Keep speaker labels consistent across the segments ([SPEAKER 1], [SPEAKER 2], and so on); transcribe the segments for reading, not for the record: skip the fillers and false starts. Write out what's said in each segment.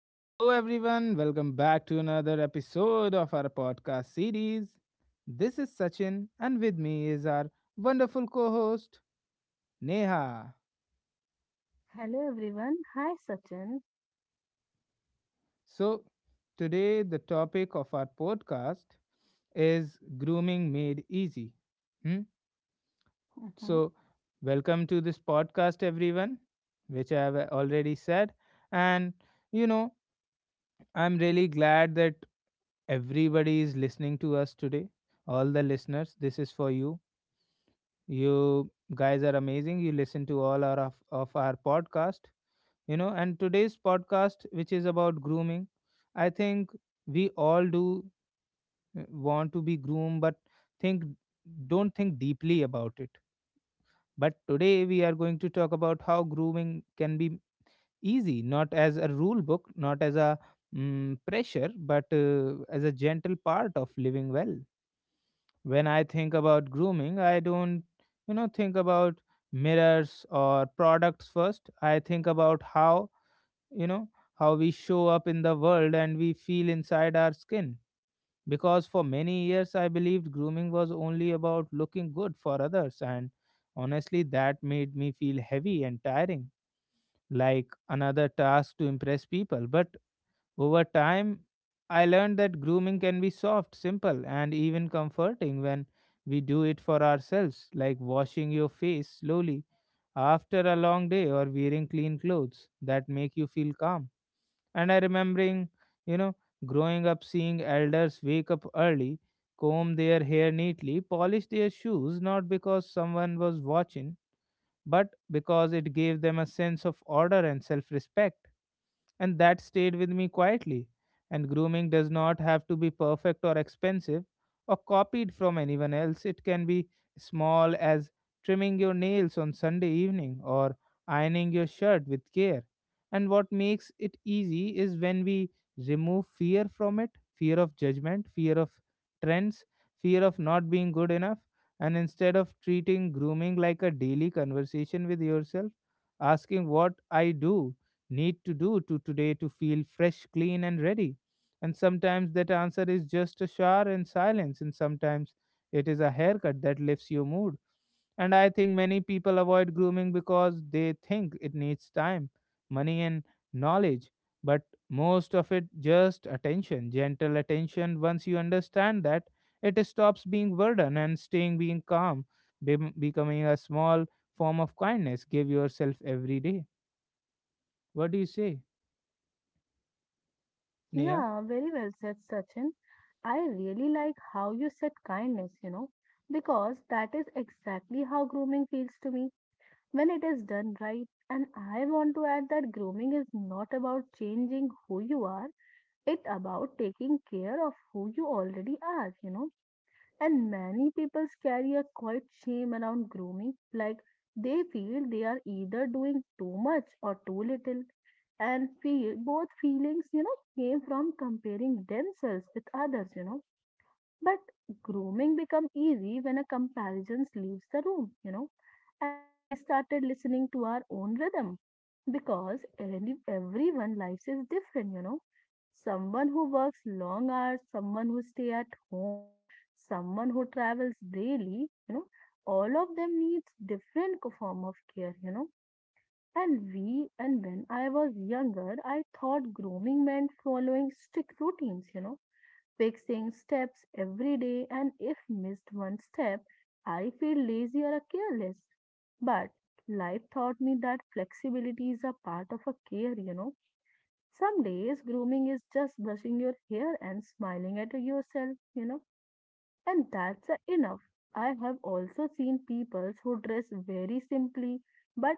[SPEAKER 1] Hello, everyone. Welcome back to another episode of our podcast series. This is Sachin, and with me is our wonderful co host, Neha.
[SPEAKER 2] Hello everyone. Hi Sachin.
[SPEAKER 1] So, today, the topic of our podcast is grooming made easy. Hmm?
[SPEAKER 2] hmm
[SPEAKER 1] So, welcome to this podcast, everyone, which I have already said. And, you know, I'm really glad that everybody is listening to us today, all the listeners. This is for you. You guys are amazing. You listen to all of our podcast, and today's podcast, which is about grooming, I think we all do want to be groomed, but think don't think deeply about it. But today we are going to talk about how grooming can be easy, not as a rule book, not as a pressure, but as a gentle part of living well. When I think about grooming, I don't, you know, think about mirrors or products first. I think about you know, how we show up in the world and we feel inside our skin. Because for many years, I believed grooming was only about looking good for others. And honestly, that made me feel heavy and tiring, like another task to impress people. But over time, I learned that grooming can be soft, simple, and even comforting when we do it for ourselves, like washing your face slowly after a long day or wearing clean clothes that make you feel calm. And I remembering, you know, growing up seeing elders wake up early, comb their hair neatly, polish their shoes not because someone was watching, but because it gave them a sense of order and self-respect, and that stayed with me quietly. And grooming does not have to be perfect or expensive or copied from anyone else. It can be small as trimming your nails on Sunday evening or ironing your shirt with care. And what makes it easy is when we remove fear from it: fear of judgment, fear of trends, fear of not being good enough. And instead of treating grooming like a daily conversation with yourself, asking what I do need to do to today to feel fresh, clean, and ready? And sometimes that answer is just a shower and silence, and sometimes it is a haircut that lifts your mood. And I think many people avoid grooming because they think it needs time, money, and knowledge. But most of it just attention, gentle attention. Once you understand that, it stops being burden and staying being calm, becoming a small form of kindness. Give yourself every day. What do you say? Yeah,
[SPEAKER 2] Yeah, very well said, Sachin. I really like how you said kindness, because that is exactly how grooming feels to me when it is done right. And I want to add that grooming is not about changing who you are, it's about taking care of who you already are, And many people carry a quiet shame around grooming, like they feel they are either doing too much or too little. And feel both feelings, came from comparing themselves with others, But grooming become easy when a comparison leaves the room, And we started listening to our own rhythm because everyone lives is different. Someone who works long hours, someone who stay at home, someone who travels daily, all of them needs different form of care, And when I was younger, I thought grooming meant following strict routines, fixing steps every day, and if missed one step, I feel lazy or careless. But life taught me that flexibility is a part of a care, some days grooming is just brushing your hair and smiling at yourself, and that's enough. I have also seen people who dress very simply but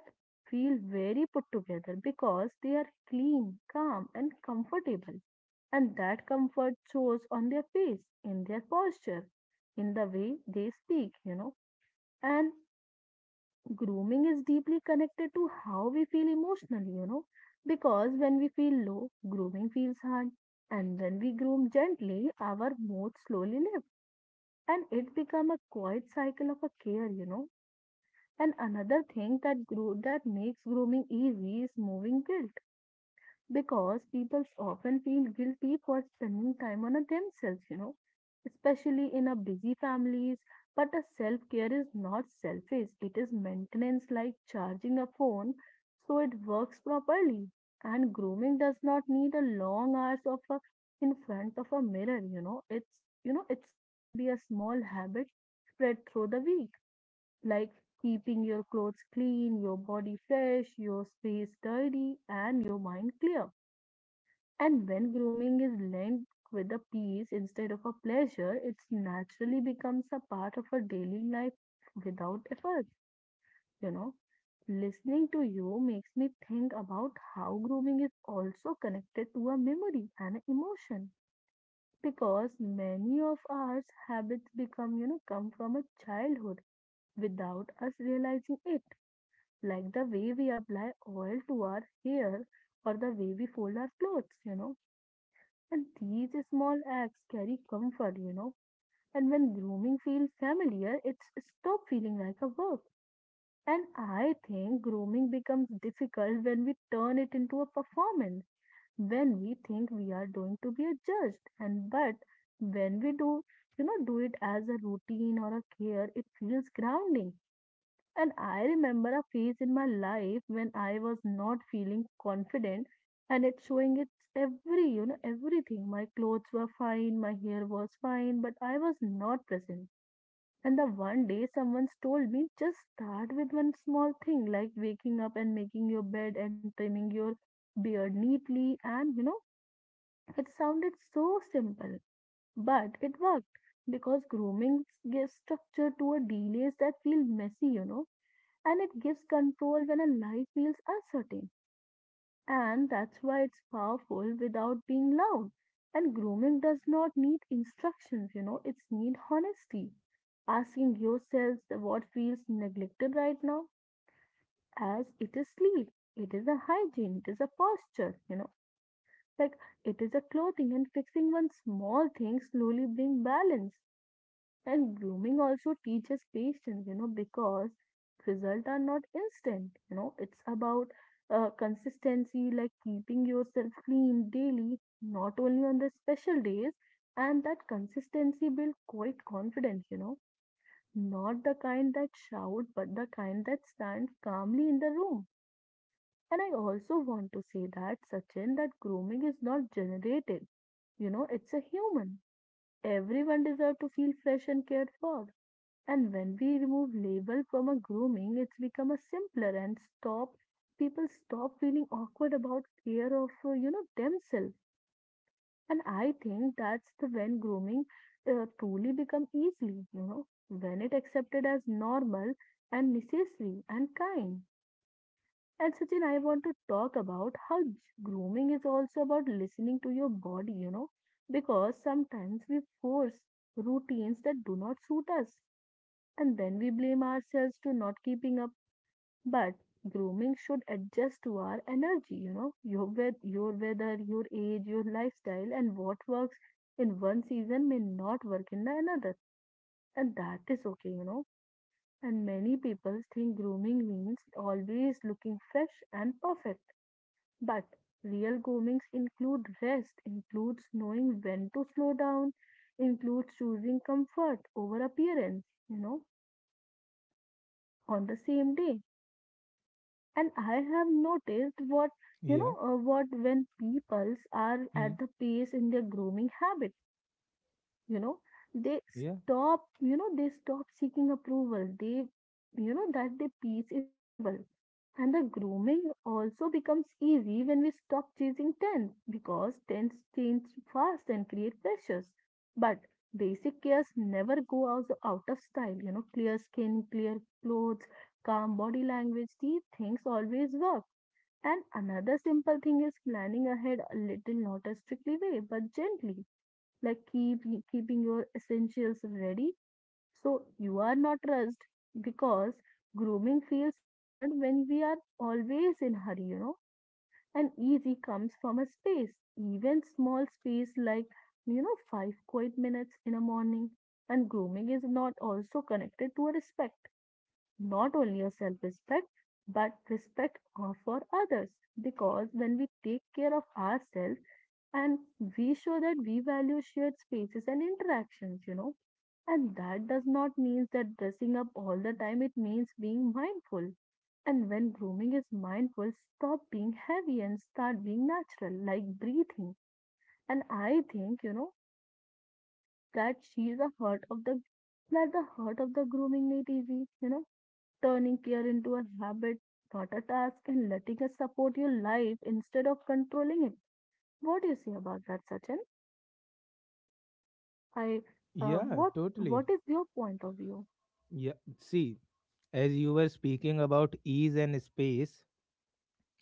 [SPEAKER 2] feel very put together because they are clean, calm, and comfortable, and that comfort shows on their face, in their posture, in the way they speak, And grooming is deeply connected to how we feel emotionally, because when we feel low, grooming feels hard. And when we groom gently, our mood slowly lifts, and it becomes a quiet cycle of a care, And another thing that makes grooming easy is moving guilt because people often feel guilty for spending time on themselves, especially in a busy families. But a self care is not selfish, it is maintenance, like charging a phone so it works properly. And grooming does not need a long hours of a, in front of a mirror, it can be a small habit spread through the week, like keeping your clothes clean, your body fresh, your space tidy, and your mind clear. And when grooming is linked with a peace instead of a pleasure, it naturally becomes a part of our daily life without effort, you know. Listening to you makes me think about how grooming is also connected to a memory and emotion because many of our habits become, come from a childhood without us realizing it, like the way we apply oil to our hair or the way we fold our clothes, And these small acts carry comfort, And when grooming feels familiar, it's stop feeling like a work. And I think grooming becomes difficult when we turn it into a performance, when we think we are going to be a judge. And but when we do, do it as a routine or a care, it feels grounding. And I remember a phase in my life when I was not feeling confident and it's showing its everything. My clothes were fine, my hair was fine, but I was not present. And the one day someone told me, just start with one small thing like waking up and making your bed and trimming your beard neatly. And, it sounded so simple, but it worked because grooming gives structure to a delays that feel messy, and it gives control when a life feels uncertain. And that's why it's powerful without being loud. And grooming does not need instructions, it's need honesty. Asking yourselves that what feels neglected right now, as it is sleep, it is a hygiene, it is a posture, like it is a clothing, and fixing one small thing slowly bring balance. And grooming also teaches patience, because results are not instant. It's about consistency, like keeping yourself clean daily, not only on the special days. And that consistency builds quite confidence, not the kind that shout, but the kind that stands calmly in the room. And I also want to say that, Sachin, that grooming is not generated. You know, it's a human. Everyone deserves to feel fresh and cared for, and when we remove label from a grooming, it's become a simpler, and stop people stop feeling awkward about care of themselves. And I think that's the when grooming truly become easily, when it accepted as normal and necessary and kind. And Sachin, I want to talk about how grooming is also about listening to your body, because sometimes we force routines that do not suit us, and then we blame ourselves to not keeping up. But grooming should adjust to our energy, your with your weather, your age, your lifestyle, and what works in one season may not work in the another, and that is okay, and many people think grooming means always looking fresh and perfect, but real groomings include rest, includes knowing when to slow down, includes choosing comfort over appearance, on the same day. And I have noticed what
[SPEAKER 1] yeah,
[SPEAKER 2] what when peoples are at
[SPEAKER 1] mm,
[SPEAKER 2] the pace in their grooming habit, you know they
[SPEAKER 1] yeah,
[SPEAKER 2] stop, they stop seeking approval, they, that the peace is visible. And the grooming also becomes easy when we stop chasing trends, because trends change fast and create pressures. But basic cares never go out of style. Clear skin, clear clothes, calm body language, these things always work. And another simple thing is planning ahead a little, not a strictly way, but gently, like keeping your essentials ready so you are not rushed, because grooming feels hard when we are always in hurry, And easy comes from a space, even small space, like five quiet minutes in a morning. And grooming is not also connected to a respect, not only your self respect, but respect for others. Because when we take care of ourselves and we show that we value shared spaces and interactions, and that does not mean that dressing up all the time, it means being mindful. And when grooming is mindful, stop being heavy and start being natural, like breathing. And I think, that she is a heart of the that the heart of the grooming nativity, turning care into a habit, not a task, and letting us support your life instead of controlling it. What do you say about that, Sachin? I uh,
[SPEAKER 1] yeah,
[SPEAKER 2] what
[SPEAKER 1] totally.
[SPEAKER 2] what is your point of view?
[SPEAKER 1] Yeah, see, as you were speaking about ease and space,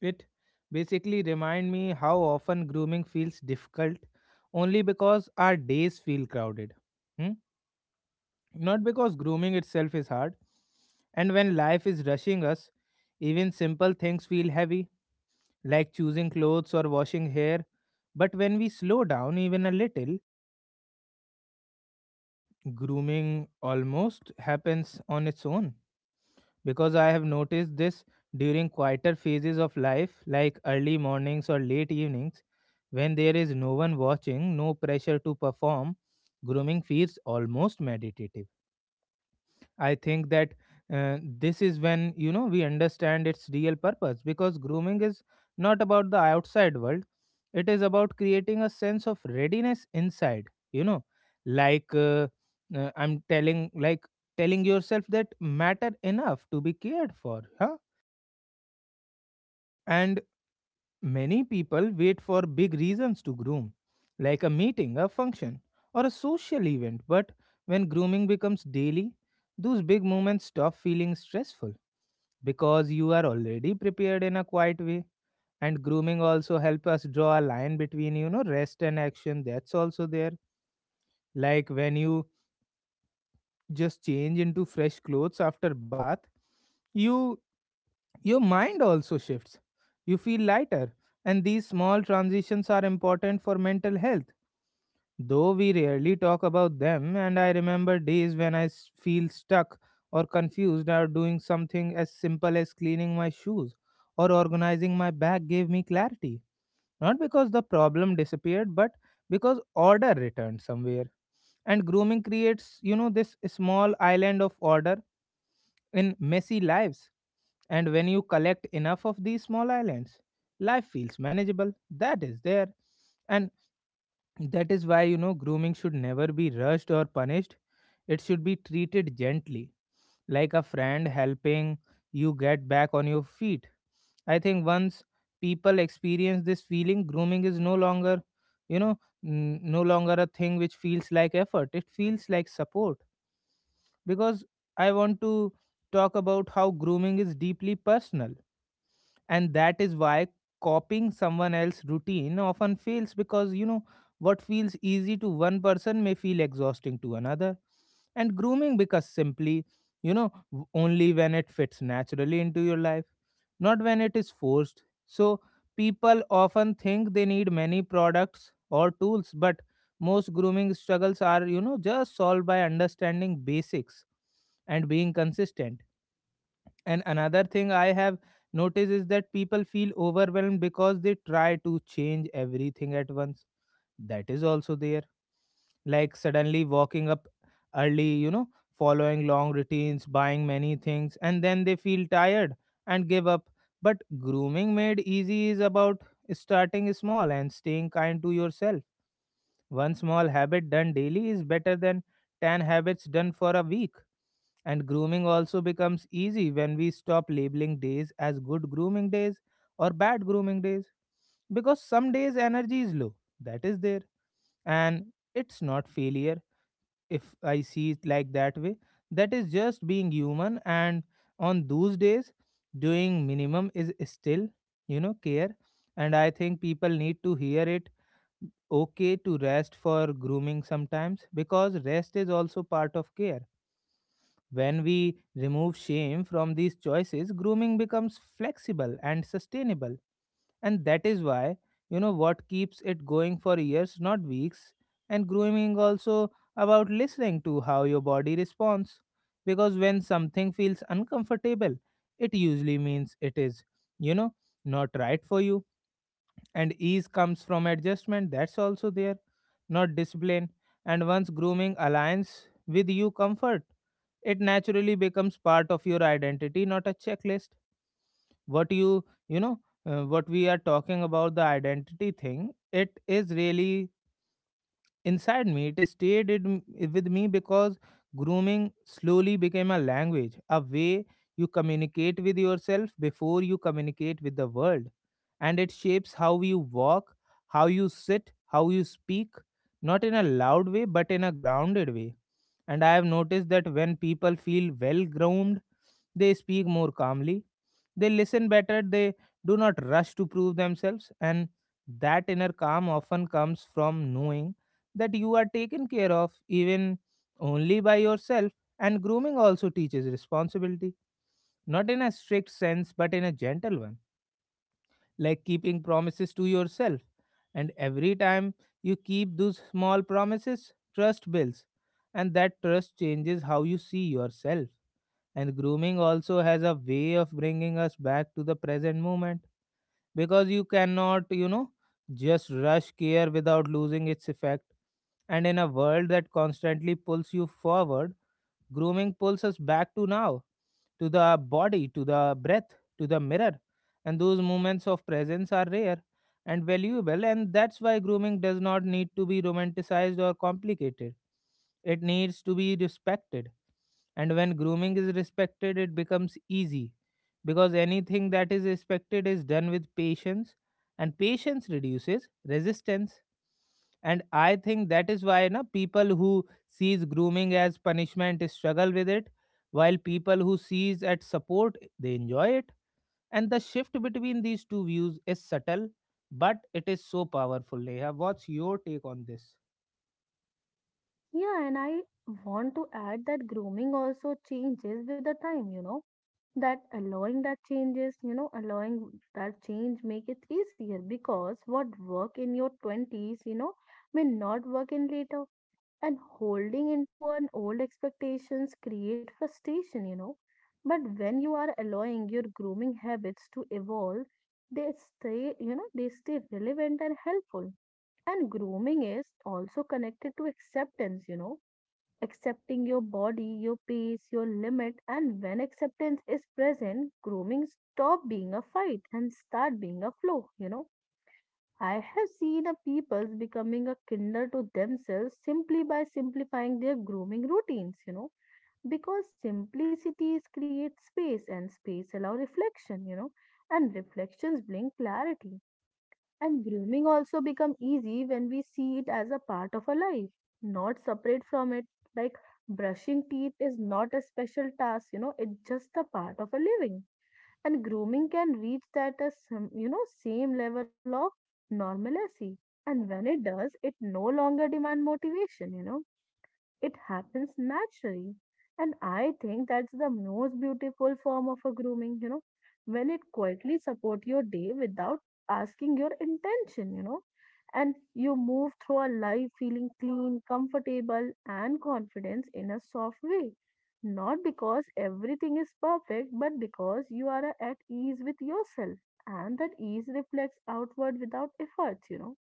[SPEAKER 1] it basically remind me how often grooming feels difficult only because our days feel crowded. Hmm? Not because grooming itself is hard. And when life is rushing us, even simple things feel heavy, like choosing clothes or washing hair. But when we slow down even a little, grooming almost happens on its own. Because I have noticed this during quieter phases of life, like early mornings or late evenings, when there is no one watching, no pressure to perform, grooming feels almost meditative. I think that this is when, you know, we understand its real purpose because grooming is not about the outside world, it is about creating a sense of readiness inside. You know, like uh, like telling yourself that matter enough to be cared for, huh? And many people wait for big reasons to groom, like a meeting, a function, or a social event, but when grooming becomes daily, those big moments stop feeling stressful because you are already prepared in a quiet way. And grooming also help us draw a line between, you know, rest and action, that's also there, like when you just change into fresh clothes after bath, you, your mind also shifts. You feel lighter, and these small transitions are important for mental health, though we rarely talk about them. And I remember days when feel stuck or confused, or doing something as simple as cleaning my shoes or organizing my bag gave me clarity. Not because the problem disappeared, but because order returned somewhere. And grooming creates, you know, this small island of order in messy lives. And when you collect enough of these small islands, life feels manageable. That is there. And that is why, you know, grooming should never be rushed or punished. It should be treated gently, like a friend helping you get back on your feet. I think once people experience this feeling, grooming is no longer, you know, no longer a thing which feels like effort. It feels like support. Because I want to talk about how grooming is deeply personal, and that is why copying someone else's routine often fails, because, you know, what feels easy to one person may feel exhausting to another. And grooming because simply, only when it fits naturally into your life, not when it is forced. So people often think they need many products or tools, but most grooming struggles are, you know, just solved by understanding basics and being consistent. And another thing I have noticed is that people feel overwhelmed because they try to change everything at once. That is also there. Like suddenly walking up early, you know, following long routines, buying many things, and then they feel tired and give up. But grooming made easy is about starting small and staying kind to yourself. One small habit done daily is better than 10 habits done for a week. And grooming also becomes easy when we stop labeling days as good grooming days or bad grooming days. Because some days energy is low, that is there. And it's not failure if I see it like that way. That is just being human. And on those days, doing minimum is still, you know, care. And I think people need to hear it okay to rest for grooming sometimes because rest is also part of care. When we remove shame from these choices, grooming becomes flexible and sustainable. And that is why, you know, what keeps it going for years, not weeks. And grooming also about listening to how your body responds. Because when something feels uncomfortable, it usually means it is, you know, not right for you, and ease comes from adjustment, that's also there, not discipline. And once grooming aligns with you comfort, it naturally becomes part of your identity, not a checklist. What what we are talking about, the identity thing, it is really inside me, it stayed in, with me, because grooming slowly became a language, a way you communicate with yourself before you communicate with the world. And it shapes how you walk, how you sit, how you speak, not in a loud way but in a grounded way. And I have noticed that when people feel well groomed, they speak more calmly, they listen better, they do not rush to prove themselves. And that inner calm often comes from knowing that you are taken care of, even only by yourself. And grooming also teaches responsibility, not in a strict sense but in a gentle one, like keeping promises to yourself. And every time you keep those small promises, trust builds, and that trust changes how you see yourself. And grooming also has a way of bringing us back to the present moment, because you cannot, you know, just rush care without losing its effect. And in a world that constantly pulls you forward, grooming pulls us back to now, to the body, to the breath, to the mirror. And those moments of presence are rare and valuable, and that's why grooming does not need to be romanticized or complicated. It needs to be respected. And when grooming is respected, it becomes easy because anything that is respected is done with patience, and patience reduces resistance. And I think that is why na, people who sees grooming as punishment struggle with it, while people who sees at support they enjoy it. And the shift between these two views is subtle, but it is so powerful. Neha, what's your take on this?
[SPEAKER 2] Yeah, and I want to add that grooming also changes with the time, That allowing that changes, allowing that change make it easier, because what work in your twenties, may not work in later, and holding into an old expectations create frustration, but when you are allowing your grooming habits to evolve, they stay, they stay relevant and helpful. And grooming is also connected to acceptance, accepting your body, your pace, your limit. And when acceptance is present, grooming stop being a fight and start being a flow, I have seen a peoples becoming a kinder to themselves simply by simplifying their grooming routines, because simplicity creates space and space allow reflection, and reflections bring clarity. And grooming also become easy when we see it as a part of our life, not separate from it. Like brushing teeth is not a special task, it's just a part of a living. And grooming can reach that same level of normalcy, and when it does, it no longer demand motivation, it happens naturally. And I think that's the most beautiful form of a grooming, when it quietly support your day without asking your intention, and you move through a life feeling clean, comfortable, and confidence in a soft way. Not because everything is perfect, but because you are at ease with yourself, and that ease reflects outward without efforts,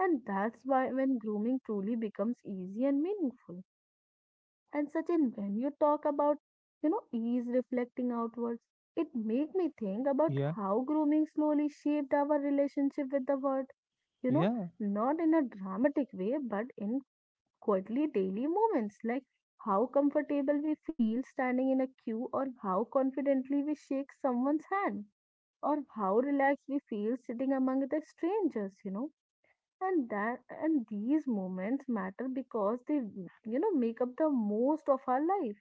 [SPEAKER 2] And that's why when grooming truly becomes easy and meaningful. And Sachin, when you talk about, ease reflecting outwards, it made me think about
[SPEAKER 1] Yeah,
[SPEAKER 2] how grooming slowly shaped our relationship with the word. You know,
[SPEAKER 1] yeah,
[SPEAKER 2] not in a dramatic way, but in quietly daily moments, like how comfortable we feel standing in a queue, or how confidently we shake someone's hand, or how relaxed we feel sitting among the strangers. And that and these moments matter because they make up the most of our life.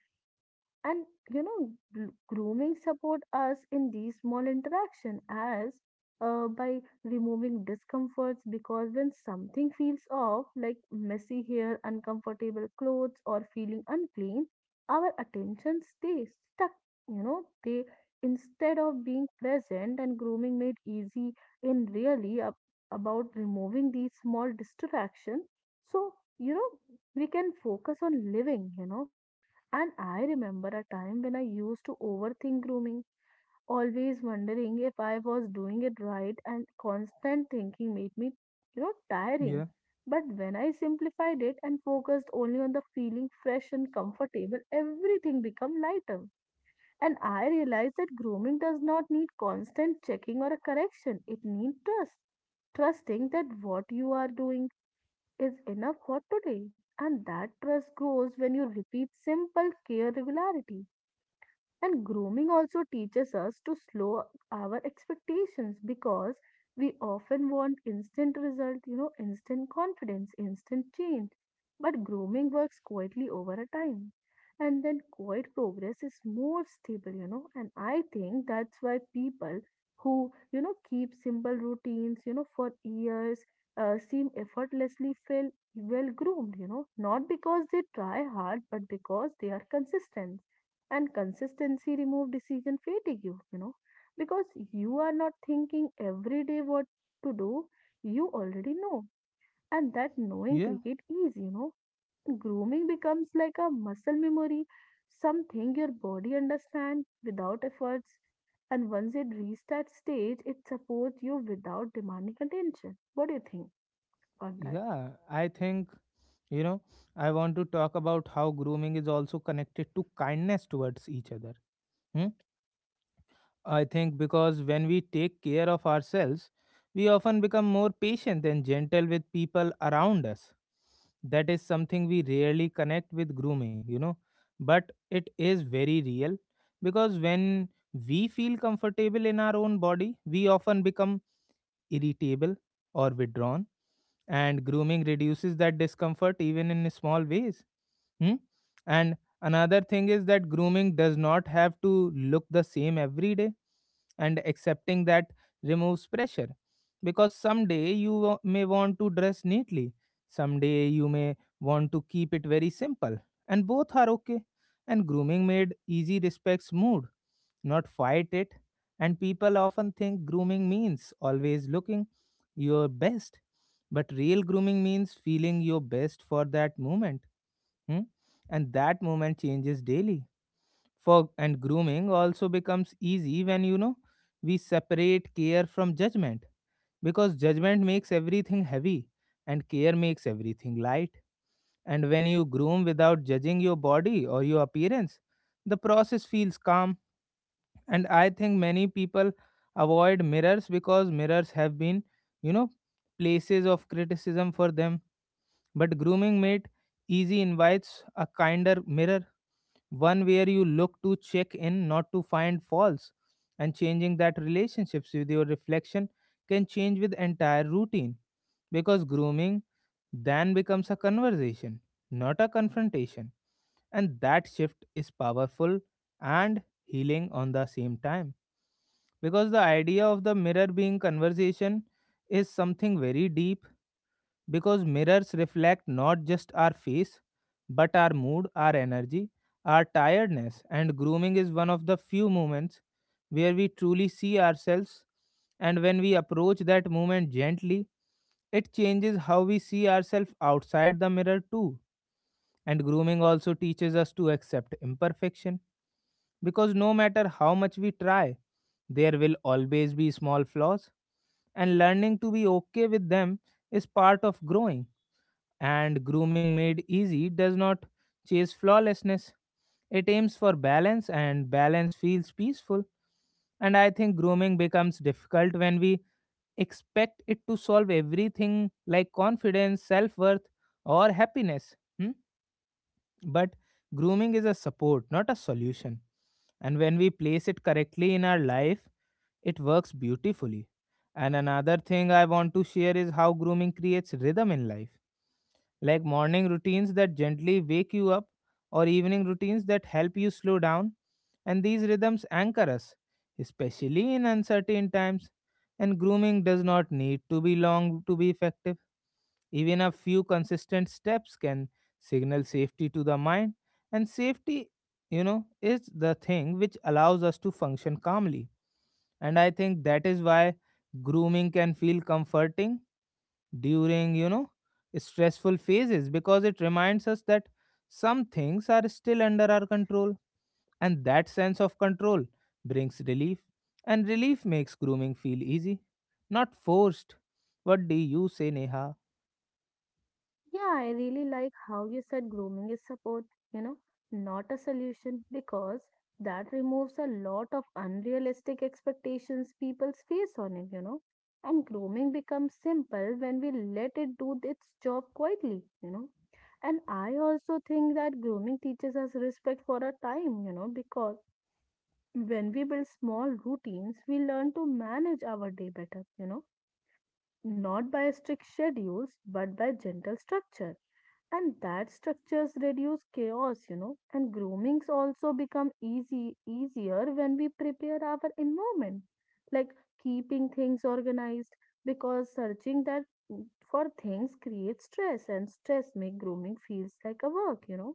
[SPEAKER 2] And grooming support us in these small interaction as by removing discomforts because when something feels off, like messy hair, uncomfortable clothes, or feeling unclean, our attention stays stuck. You know, they Instead of being present and grooming made easy in really about removing these small distraction, so you know we can focus on living. And I remember a time when I used to overthink grooming, always wondering if I was doing it right, and constant thinking made me, tiring.
[SPEAKER 1] yeah,
[SPEAKER 2] But when I simplified it and focused only on the feeling fresh and comfortable, everything became lighter. And I realized that grooming does not need constant checking or a correction. It needs trust. Trusting that what you are doing is enough for today. And that trust grows when you repeat simple care regularity and grooming also teaches us to slow our expectations because we often want instant result, instant confidence, instant change. But grooming works quietly over a time. And then quiet progress is more stable. And I think that's why people who, keep simple routines, for years seem effortlessly feel well groomed, not because they try hard, but because they are consistent, and consistency remove decision fatigue because you are not thinking every day what to do. You already know, and that knowing
[SPEAKER 1] yeah.
[SPEAKER 2] cricket is grooming becomes like a muscle memory, something your body understands without efforts. And once it reaches that stage it supports you without demanding attention. What do you think on that?
[SPEAKER 1] Yeah, I think, you know, I want to talk about how grooming is also connected to kindness towards each other. Hmm? I think because when we take care of ourselves, we often become more patient and gentle with people around us. That is something we rarely connect with grooming, you know, but it is very real. Because when we feel comfortable in our own body, we often become irritable or withdrawn, and grooming reduces that discomfort even in small ways. Hmm? And another thing is that grooming does not have to look the same every day, and accepting that removes pressure. Because someday you may want to dress neatly, someday you may want to keep it very simple, and both are okay. And grooming made easy respects mood, not fight it. And people often think grooming means always looking your best, but real grooming means feeling your best for that moment. Hmm? And that moment changes daily. Fog and grooming also becomes easy when we separate care from judgment, because judgment makes everything heavy and care makes everything light. And when you groom without judging your body or your appearance, the process feels calm. And I think many people avoid mirrors because mirrors have been, you know, places of criticism for them. But grooming made easy invites a kinder mirror, one where you look to check in, not to find faults. And changing that relationships with your reflection can change with entire routine, because grooming then becomes a conversation, not a confrontation. And that shift is powerful and healing on the same time, because the idea of the mirror being conversation is something very deep, because mirrors reflect not just our face but our mood, our energy, our tiredness, and grooming is one of the few moments where we truly see ourselves. And when we approach that moment gently, it changes how we see ourselves outside the mirror too. And grooming also teaches us to accept imperfection, because no matter how much we try, there will always be small flaws, and learning to be okay with them is part of growing, and grooming made easy does not chase flawlessness. It aims for balance, and balance feels peaceful. And I think grooming becomes difficult when we expect it to solve everything like confidence, self worth, or happiness. Hmm? But grooming is a support, not a solution. And when we place it correctly in our life, it works beautifully. And another thing I want to share is how grooming creates rhythm in life, like morning routines that gently wake you up or evening routines that help you slow down. And these rhythms anchor us, especially in uncertain times. And grooming does not need to be long to be effective. Even a few consistent steps can signal safety to the mind. And safety is the thing which allows us to function calmly. And I think that is why grooming can feel comforting during stressful phases, because it reminds us that some things are still under our control, and that sense of control brings relief, and relief makes grooming feel easy, not forced. What do you say, Neha?
[SPEAKER 2] Yeah, I really like how you said grooming is support, you know, not a solution, because that removes a lot of unrealistic expectations people's face on it. And grooming becomes simple when we let it do its job quietly. And I also think that grooming teaches us respect for our time, because when we build small routines, we learn to manage our day better, not by strict schedules, but by gentle structure, and that structures reduce chaos, and groomings also become easy easier when we prepare our environment, like keeping things organized, because searching mm, for things creates stress, and stress make grooming feels like a work.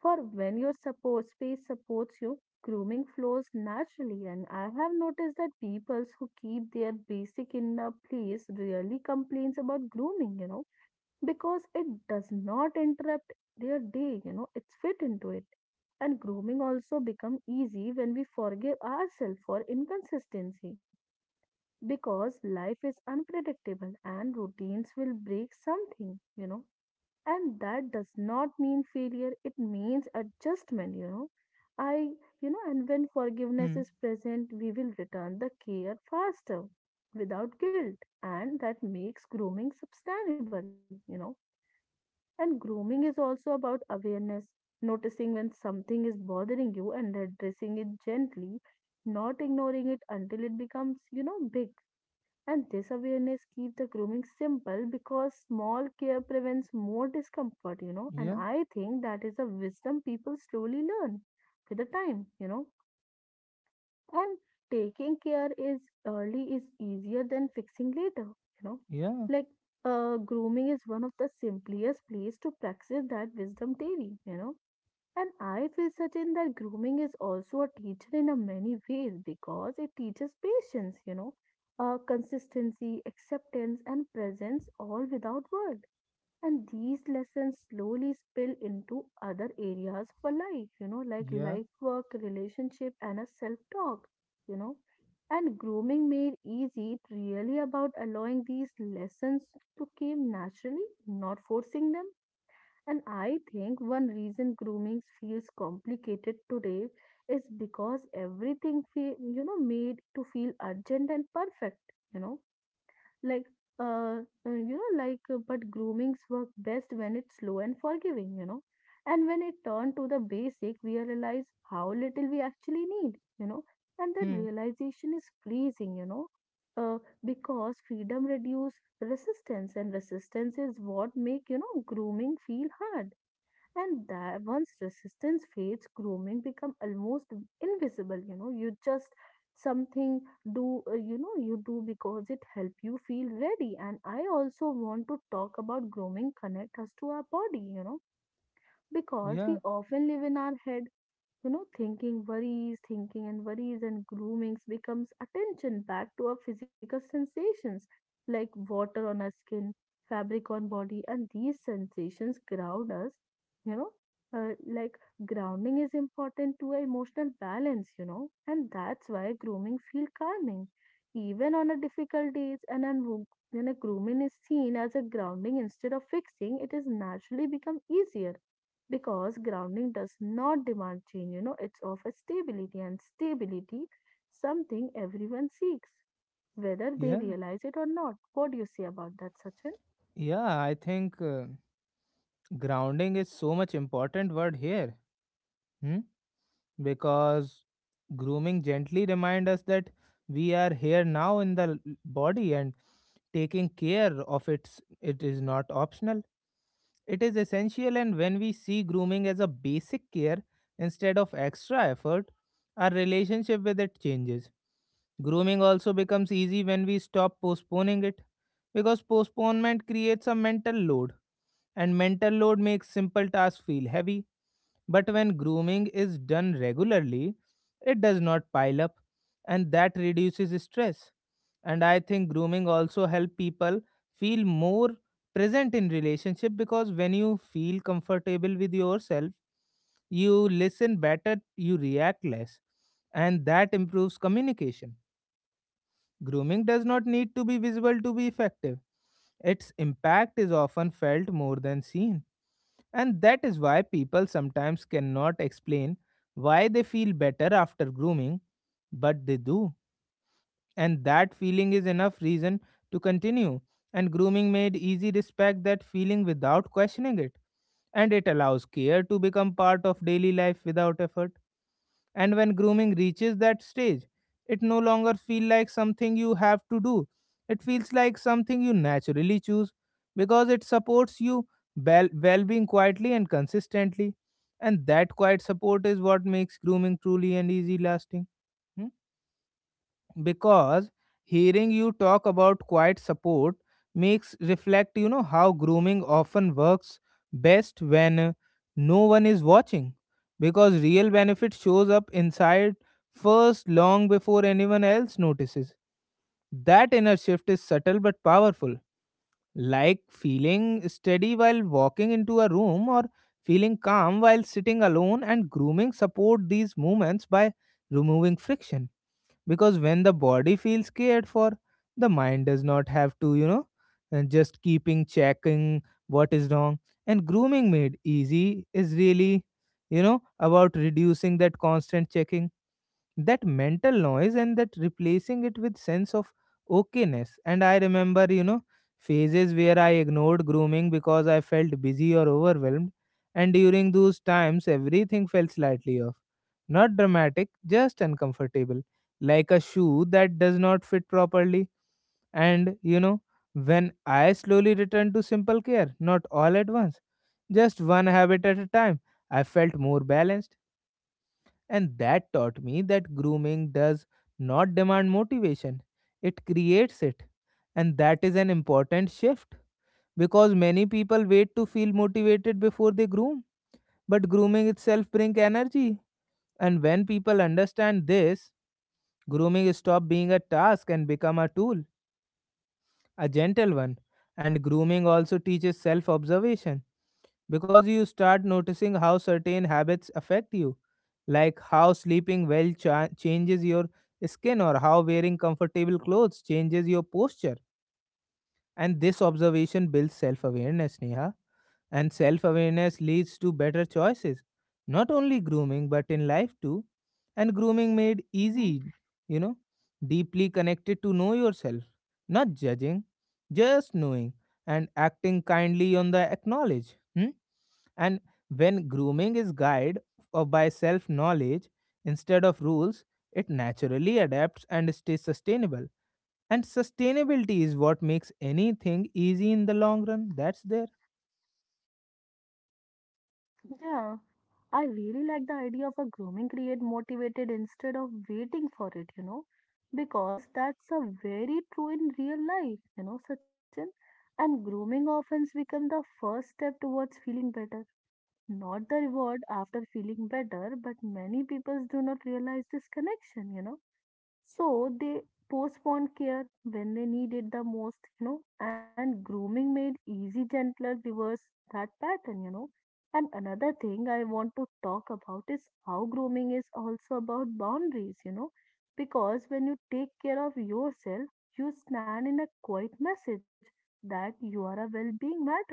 [SPEAKER 2] For when your support space supports you, grooming flows naturally, and I have noticed that people who keep their basic in a place really complains about grooming, because it does not interrupt their day, it's fit into it. And grooming also become easy when we forgive ourselves for inconsistency, because life is unpredictable and routines will break something. And that does not mean failure, it means adjustment. I, and when forgiveness
[SPEAKER 1] Hmm.
[SPEAKER 2] is present, we will return the care faster without guilt, and that makes grooming sustainable. And grooming is also about awareness, noticing when something is bothering you and addressing it gently, not ignoring it until it becomes, big. And this awareness keeps the grooming simple because small care prevents more discomfort. And
[SPEAKER 1] Yeah,
[SPEAKER 2] I think that is a wisdom people slowly learn with the time. And taking care is early is easier than fixing later.
[SPEAKER 1] yeah,
[SPEAKER 2] Like grooming is one of the simplest place to practice that wisdom daily. And I feel certain that grooming is also a teacher in a many ways because it teaches patience, consistency, acceptance, and presence, all without words, and these lessons slowly spill into other areas for life, like
[SPEAKER 1] yeah.
[SPEAKER 2] life work, relationship, and a self talk, you know. And grooming made easy, it really about allowing these lessons to come naturally, not forcing them. And I think one reason grooming feels complicated today is because everything feel, made to feel urgent and perfect. you know like uh but groomings work best when it's slow and forgiving, and when it turn to the basic we realize how little we actually need, and that
[SPEAKER 1] Hmm.
[SPEAKER 2] realization is freezing uh, because freedom reduce resistance, and resistance is what make grooming feel hard. And that once resistance fades, grooming become almost invisible. You just something do you know you do because it help you feel ready. And I also want to talk about grooming connect us to our body. Because we
[SPEAKER 1] Yeah,
[SPEAKER 2] often live in our head, thinking worries, thinking and worries, and groomings becomes attention back to our physical sensations, like water on our skin, fabric on body, and these sensations ground us. You know, like grounding is important to our emotional balance, and that's why grooming feel calming. Even on a difficult days, and when a grooming is seen as a grounding instead of fixing, it is naturally become easier, because grounding does not demand change, it's of a stability, and stability something everyone seeks, whether they
[SPEAKER 1] yeah,
[SPEAKER 2] realize it or not. What do you say about that, Sachin?
[SPEAKER 1] yeah. I think grounding is so much important word here, because grooming gently reminds us that we are here now in the body, and taking care of its it is not optional, it is essential. And when we see grooming as a basic care instead of extra effort, our relationship with it changes. Grooming also becomes easy when we stop postponing it, because postponement creates a mental load, and mental load makes simple tasks feel heavy, but when grooming is done regularly, it does not pile up, and that reduces stress. And I think grooming also help people feel more present in relationship, because when you feel comfortable with yourself, you listen better, you react less, and that improves communication. Grooming does not need to be visible to be effective. Its impact is often felt more than seen. And that is why people sometimes cannot explain why they feel better after grooming, but they do. And that feeling is enough reason to continue. And grooming made easy respect that feeling without questioning it. And it allows care to become part of daily life without effort. And when grooming reaches that stage, it no longer feels like something you have to do. It feels like something you naturally choose, because it supports you well being quietly and consistently. And that quiet support is what makes grooming truly and easy lasting. Hmm? Because hearing you talk about quiet support makes reflect how grooming often works best when no one is watching, because real benefit shows up inside first, long before anyone else notices. That inner shift is subtle but powerful, like feeling steady while walking into a room, or feeling calm while sitting alone. And grooming support these movements by removing friction, because when the body feels cared for, the mind does not have to and just keeping checking what is wrong. And grooming made easy is really about reducing that constant checking, that mental noise, and that replacing it with sense of okayness. And I remember phases where I ignored grooming because I felt busy or overwhelmed, and during those times everything felt slightly off, not dramatic, just uncomfortable, like a shoe that does not fit properly. And when I slowly returned to simple care, not all at once, just one habit at a time, I felt more balanced. And that taught me that grooming does not demand motivation, it creates it. And that is an important shift, because many people wait to feel motivated before they groom. But grooming itself brings energy. And when people understand this, grooming stops being a task and become a tool, a gentle one. And grooming also teaches self-observation, because you start noticing how certain habits affect you, like how sleeping well changes your skin, or how wearing comfortable clothes changes your posture. And this observation builds self-awareness, Neha. And self awareness leads to better choices, not only grooming, but in life too. And grooming made
[SPEAKER 2] Hmm,
[SPEAKER 1] easy, you know, deeply connected to know yourself, not judging, just knowing and acting kindly on the acknowledge. Hmm? And when grooming is guided or by self knowledge instead of rules, it naturally adapts and stays sustainable. And sustainability is what makes anything easy in the long run. That's there.
[SPEAKER 2] yeah, I really like the idea of a grooming create motivated instead of waiting for it, because that's a very true in real life, Sachin. And grooming often becomes the first step towards feeling better, not the reward after feeling better, but many people do not realize this connection, so they postponed care when they needed the most, and grooming made easy, gentler reverse that pattern. And another thing I want to talk about is how grooming is also about boundaries, because when you take care of yourself, you stand in a quiet message that your well being matters,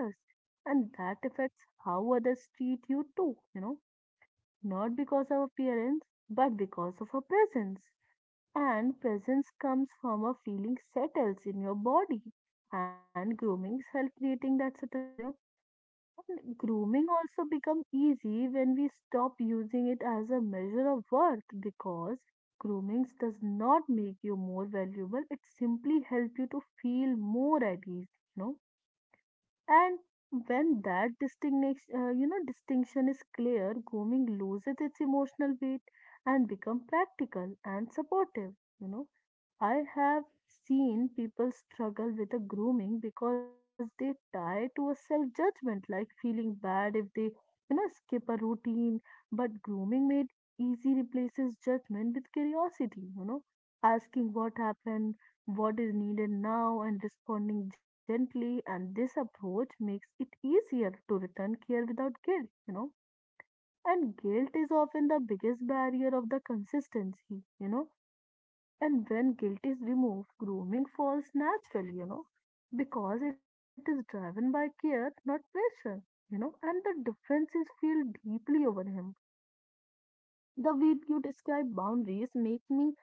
[SPEAKER 2] and that affects how others treat you too, not because of appearance, but because of a presence. And presence comes from a feeling settles in your body. And grooming help creating that settlement. And grooming also become easy when we stop using it as a measure of worth, because grooming does not make you more valuable. It simply helps you to feel more at ease. And when that distinction is clear, grooming loses its emotional weight and become practical and supportive. You know, I have seen people struggle with a grooming because they tie to a self-judgment, like feeling bad if they, skip a routine. But grooming made easy replaces judgment with curiosity. Asking what happened, what is needed now, and responding gently, and this approach makes it easier to return care without guilt, and guilt is often the biggest barrier of the consistency, and when guilt is removed grooming falls naturally, because it is driven by care, not pressure, and the differences feel deeply over him. The way you describe boundaries make me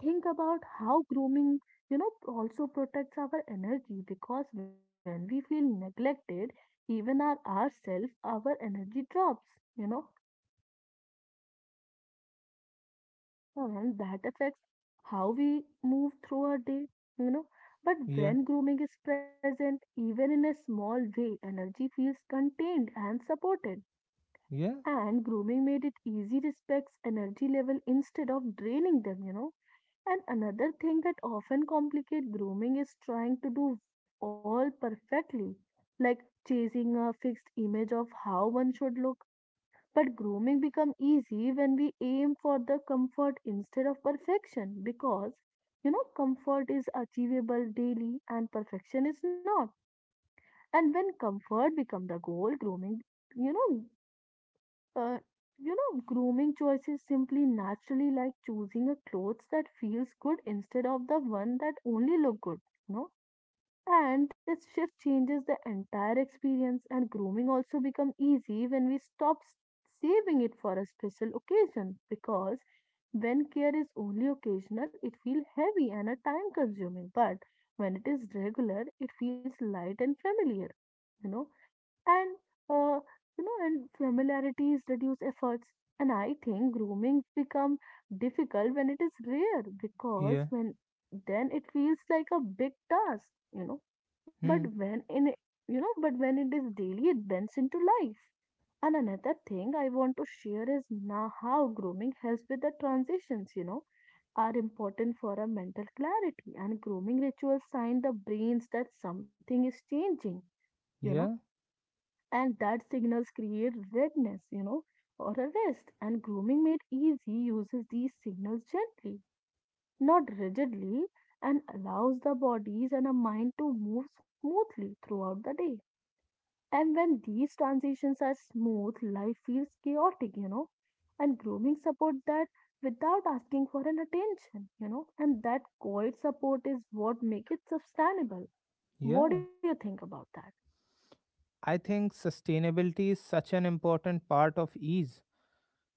[SPEAKER 2] think about how grooming, also protects our energy, because when we feel neglected, even our ourselves, our energy drops, you know, and that affects how we move through our day, you know. But
[SPEAKER 1] Yeah.
[SPEAKER 2] when grooming is present, even in a small way, energy feels contained and supported.
[SPEAKER 1] Yeah.
[SPEAKER 2] And grooming made it easy respects energy level instead of draining them. And another thing that often complicates grooming is trying to do all perfectly, like chasing a fixed image of how one should look. But grooming becomes easy when we aim for the comfort instead of perfection, because comfort is achievable daily and perfection is not. And when comfort becomes the goal, grooming you know uh, you know, grooming choices simply naturally, like choosing a clothes that feels good instead of the one that only look good, you know. And this shift changes the entire experience, and grooming also become easy when we stop saving it for a special occasion, because when care is only occasional, it feels heavy and a time consuming. But when it is regular, it feels light and familiar. You know, and uh, and familiarities reduce efforts, and I think grooming become difficult when it is rare, because
[SPEAKER 1] Yeah.
[SPEAKER 2] when then it feels like a big task. but
[SPEAKER 1] Hmm.
[SPEAKER 2] when in it- but when it is daily it bends into life. And another thing I want to share is now how grooming helps with the transitions, are important for our mental clarity, and grooming rituals sign the brains that something is changing you know
[SPEAKER 1] Yeah.
[SPEAKER 2] and that signals create redness, or a rest. And grooming made easy uses these signals gently, not rigidly, and allows the bodies and a mind to move smoothly throughout the day. And when these transitions are smooth, life feels chaotic, you know, and grooming supports that without asking for an attention, and that quiet support is what makes it sustainable. What do
[SPEAKER 1] Yeah.
[SPEAKER 2] you think about that?
[SPEAKER 1] I think sustainability is such an important part of ease,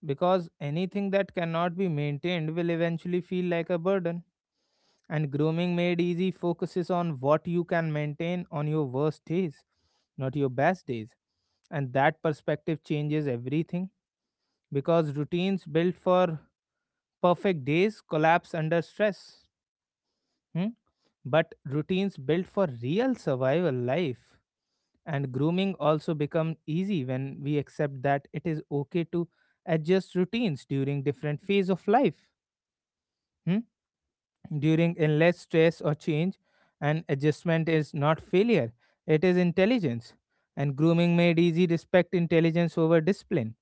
[SPEAKER 1] because anything that cannot be maintained will eventually feel like a burden. And grooming made easy focuses on what you can maintain on your worst days, not your best days. And that perspective changes everything, because routines built for perfect days collapse under stress. Hmm? But routines built for real survival life. And grooming also becomes easy when we accept that it is okay to adjust routines during different phase of life. Hmm? During in less stress or change, and adjustment is not failure; it is intelligence. And grooming made easy respect intelligence over discipline.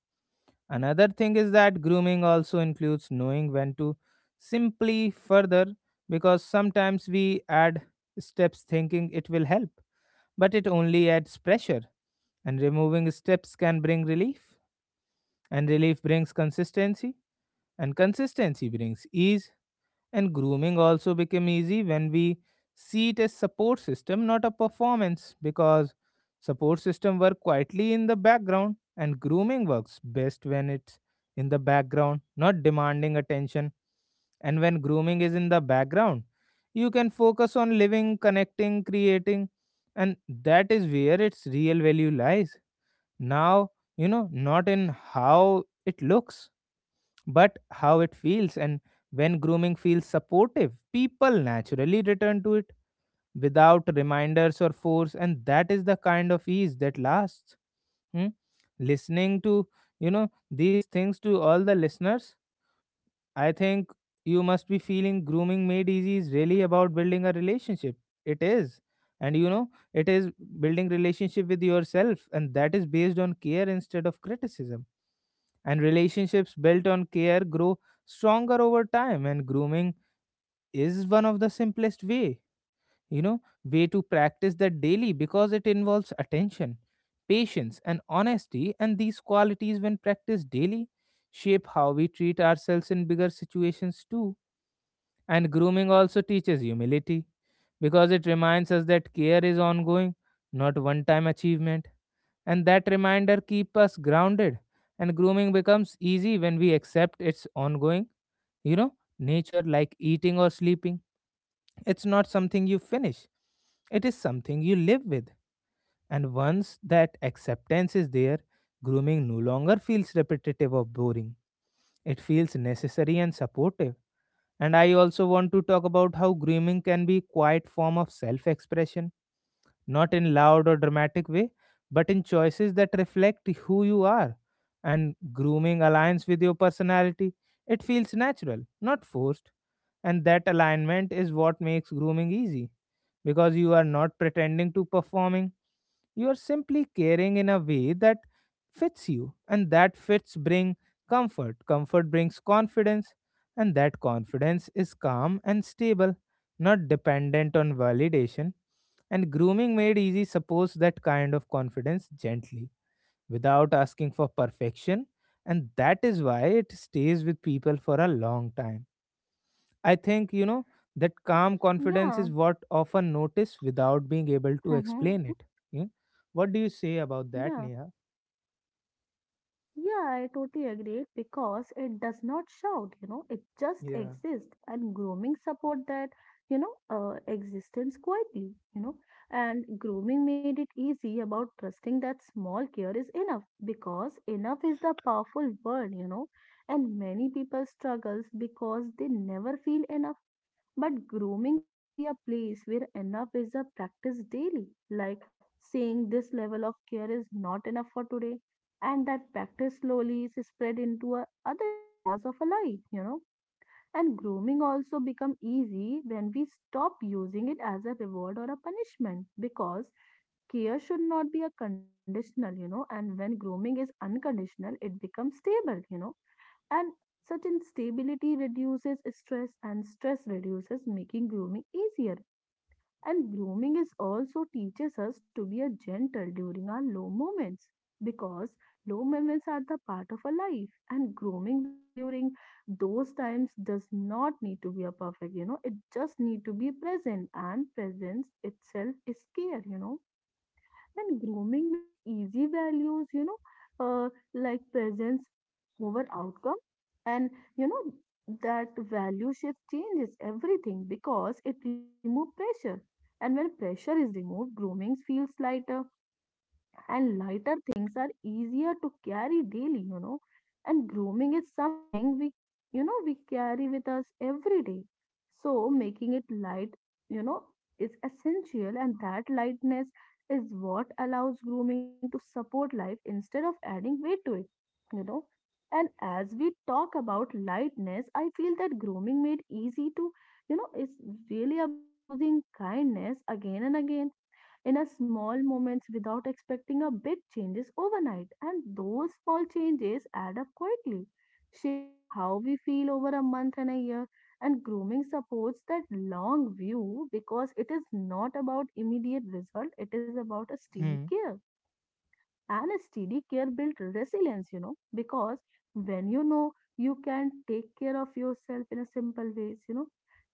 [SPEAKER 1] Another thing is that grooming also includes knowing when to simply further, because sometimes we add steps thinking it will help, but it only adds pressure, and removing steps can bring relief, and relief brings consistency, and consistency brings ease. And grooming also become easy when we see it as support system, not a performance, because support system work quietly in the background, and grooming works best when it's in the background, not demanding attention. And when grooming is in the background, you can focus on living, connecting, creating, and that is where its real value lies now, not in how it looks, but how it feels. And when grooming feels supportive, people naturally return to it without reminders or force, and that is the kind of ease that lasts. Hmm? Listening to these things, to all the listeners, I think you must be feeling grooming made easy is really about building a relationship. It is. And it is building relationship with yourself, and that is based on care instead of criticism. And relationships built on care grow stronger over time, and grooming is one of the simplest way you know way to practice that daily, because it involves attention, patience and honesty, and these qualities when practiced daily shape how we treat ourselves in bigger situations too. And grooming also teaches humility, because it reminds us that care is ongoing, not one time achievement, and that reminder keeps us grounded. And grooming becomes easy when we accept its ongoing you know nature, like eating or sleeping. It's not something you finish, it is something you live with. And once that acceptance is there, grooming no longer feels repetitive or boring. It feels necessary and supportive. And I also want to talk about how grooming can be a quiet form of self expression, not in loud or dramatic way, but in choices that reflect who you are, and grooming aligns with your personality. It feels natural, not forced, and that alignment is what makes grooming easy, because you are not pretending to performing, you are simply caring in a way that fits you, and that fits bring comfort. Comfort brings confidence, and that confidence is calm and stable, not dependent on validation. And grooming made easy supports that kind of confidence gently, without asking for perfection. And that is why it stays with people for a long time. I think, that calm confidence
[SPEAKER 2] Yeah.
[SPEAKER 1] is what often notice without being able to
[SPEAKER 2] Mm-hmm.
[SPEAKER 1] explain it. Yeah. What do you say about
[SPEAKER 2] Yeah.
[SPEAKER 1] that, Neha?
[SPEAKER 2] Yeah, I totally agree because it does not shout, you know, it just
[SPEAKER 1] Yeah.
[SPEAKER 2] exists and grooming support that, existence quietly, and grooming made it easy about trusting that small care is enough because enough is the powerful word, and many people struggles because they never feel enough but grooming can be a place where enough is a practice daily, like saying this level of care is not enough for today, and that practice slowly is spread into other areas of a life, you know. And grooming also become easy when we stop using it as a reward or a punishment because care should not be a conditional, you know, and when grooming is unconditional, it becomes stable, you know and certain stability reduces stress and stress reduces making grooming easier. And grooming is also teaches us to be a gentle during our low moments because low moments are the part of a life and grooming during those times does not need to be a perfect you know it just need to be present and presence itself is care you know and grooming made easy values, like presence over outcome. And, you know, that value shift changes everything because it removes pressure. And when pressure is removed, grooming feels lighter and lighter things are easier to carry daily, you know. And grooming is something we, you know, we carry with us every day. So making it light, you know, is essential, and that lightness is what allows grooming to support life instead of adding weight to it, you know. And as we talk about lightness, I feel that grooming made easy to, is really about choosing kindness again and again in a small moments without expecting a big changes overnight, and those small changes add up quickly, shaping how we feel over a month and a year. And grooming supports that long view because it is not about immediate result, it is about a steady
[SPEAKER 1] Hmm.
[SPEAKER 2] care. And a steady care builds resilience, you know, because when you can take care of yourself in a simple ways,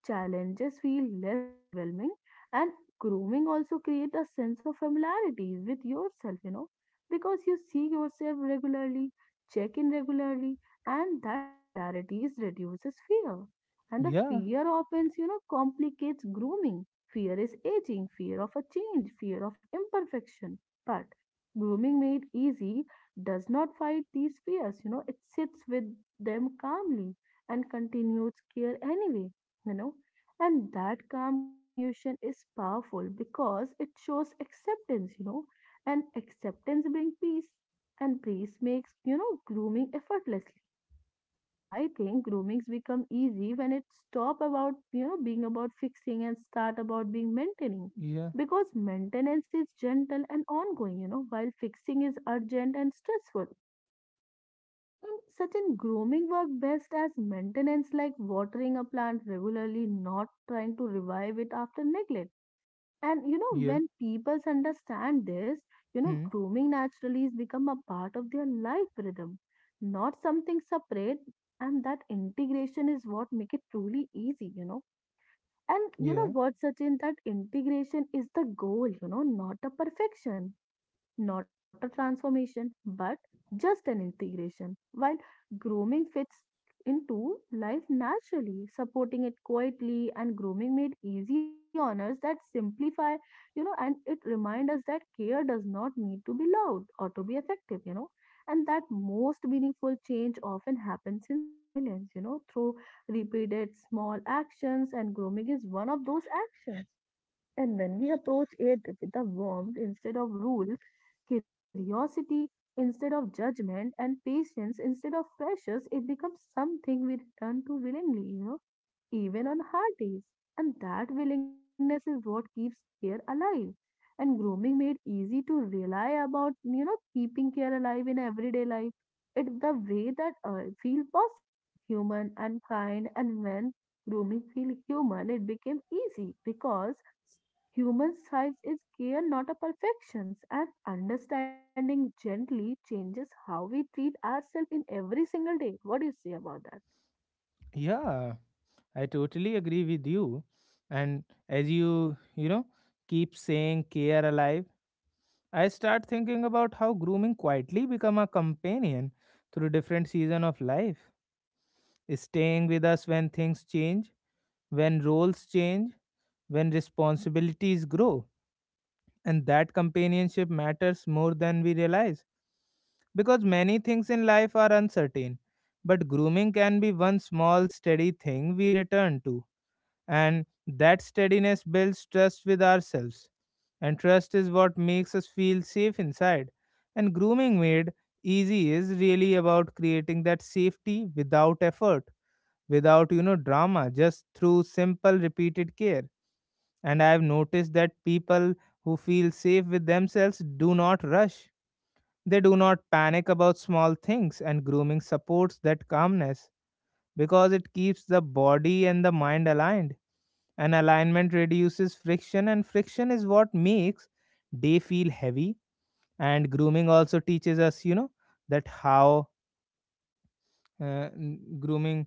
[SPEAKER 2] challenges feel less overwhelming. And grooming also creates a sense of familiarity with yourself, you know, because you see yourself regularly, check in regularly, and that familiarity is reduces fear. And the
[SPEAKER 1] Yeah.
[SPEAKER 2] fear often, complicates grooming. Fear is aging, fear of a change, fear of imperfection. But grooming made easy does not fight these fears, you know, it sits with them calmly and continues care anyway, you know. And that calm continuation is powerful because it shows acceptance, you know, and acceptance brings peace, and peace makes, grooming effortless. And I think groomings become easy when it stop about being about fixing and start about being maintaining.
[SPEAKER 1] Yeah.
[SPEAKER 2] Because maintenance is gentle and ongoing, you know, while fixing is urgent and stressful. And such in grooming work best as maintenance, like watering a plant regularly, not trying to revive it after neglect. And you know,
[SPEAKER 1] Yeah.
[SPEAKER 2] when people understand this,
[SPEAKER 1] Hmm.
[SPEAKER 2] grooming naturally is become a part of their life rhythm, not something separate. And that integration is what make it truly easy, you know. And you
[SPEAKER 1] Yeah.
[SPEAKER 2] know what, Sachin, that integration is the goal, you know, not the perfection, not a transformation, but just an integration. While grooming fits into life naturally, supporting it quietly, and grooming made easy honors that simplify, you know, and it remind us that care does not need to be loud or to be effective, you know, and that most meaningful change often happens in silence, through repeated small actions, and grooming is one of those actions. And when we approach it with a warmth instead of rule, curiosity instead of judgment, and patience instead of pressures, it becomes something we return to willingly, you know, even on hard days. And that willingness is what keeps care alive. And grooming made easy to rely about, keeping care alive in everyday life. It the way that feel possible, human and kind. And when grooming feel human, it became easy because human size is care, not a perfections. And understanding gently changes how we treat ourselves in every single day. What do you say about that?
[SPEAKER 1] Yeah, I totally agree with you. And as you, keep saying care alive, I start thinking about how grooming quietly become a companion through different season of life, staying with us when things change, when roles change, when responsibilities grow. And that companionship matters more than we realize because many things in life are uncertain, but grooming can be one small steady thing we return to. And that steadiness builds trust with ourselves. And trust is what makes us feel safe inside. And grooming made easy is really about creating that safety without effort, without, drama, just through simple repeated care. And I've noticed that people who feel safe with themselves do not rush. They do not panic about small things, and grooming supports that calmness because it keeps the body and the mind aligned, and alignment reduces friction, and friction is what makes day feel heavy. And grooming also teaches us, that how uh, n- grooming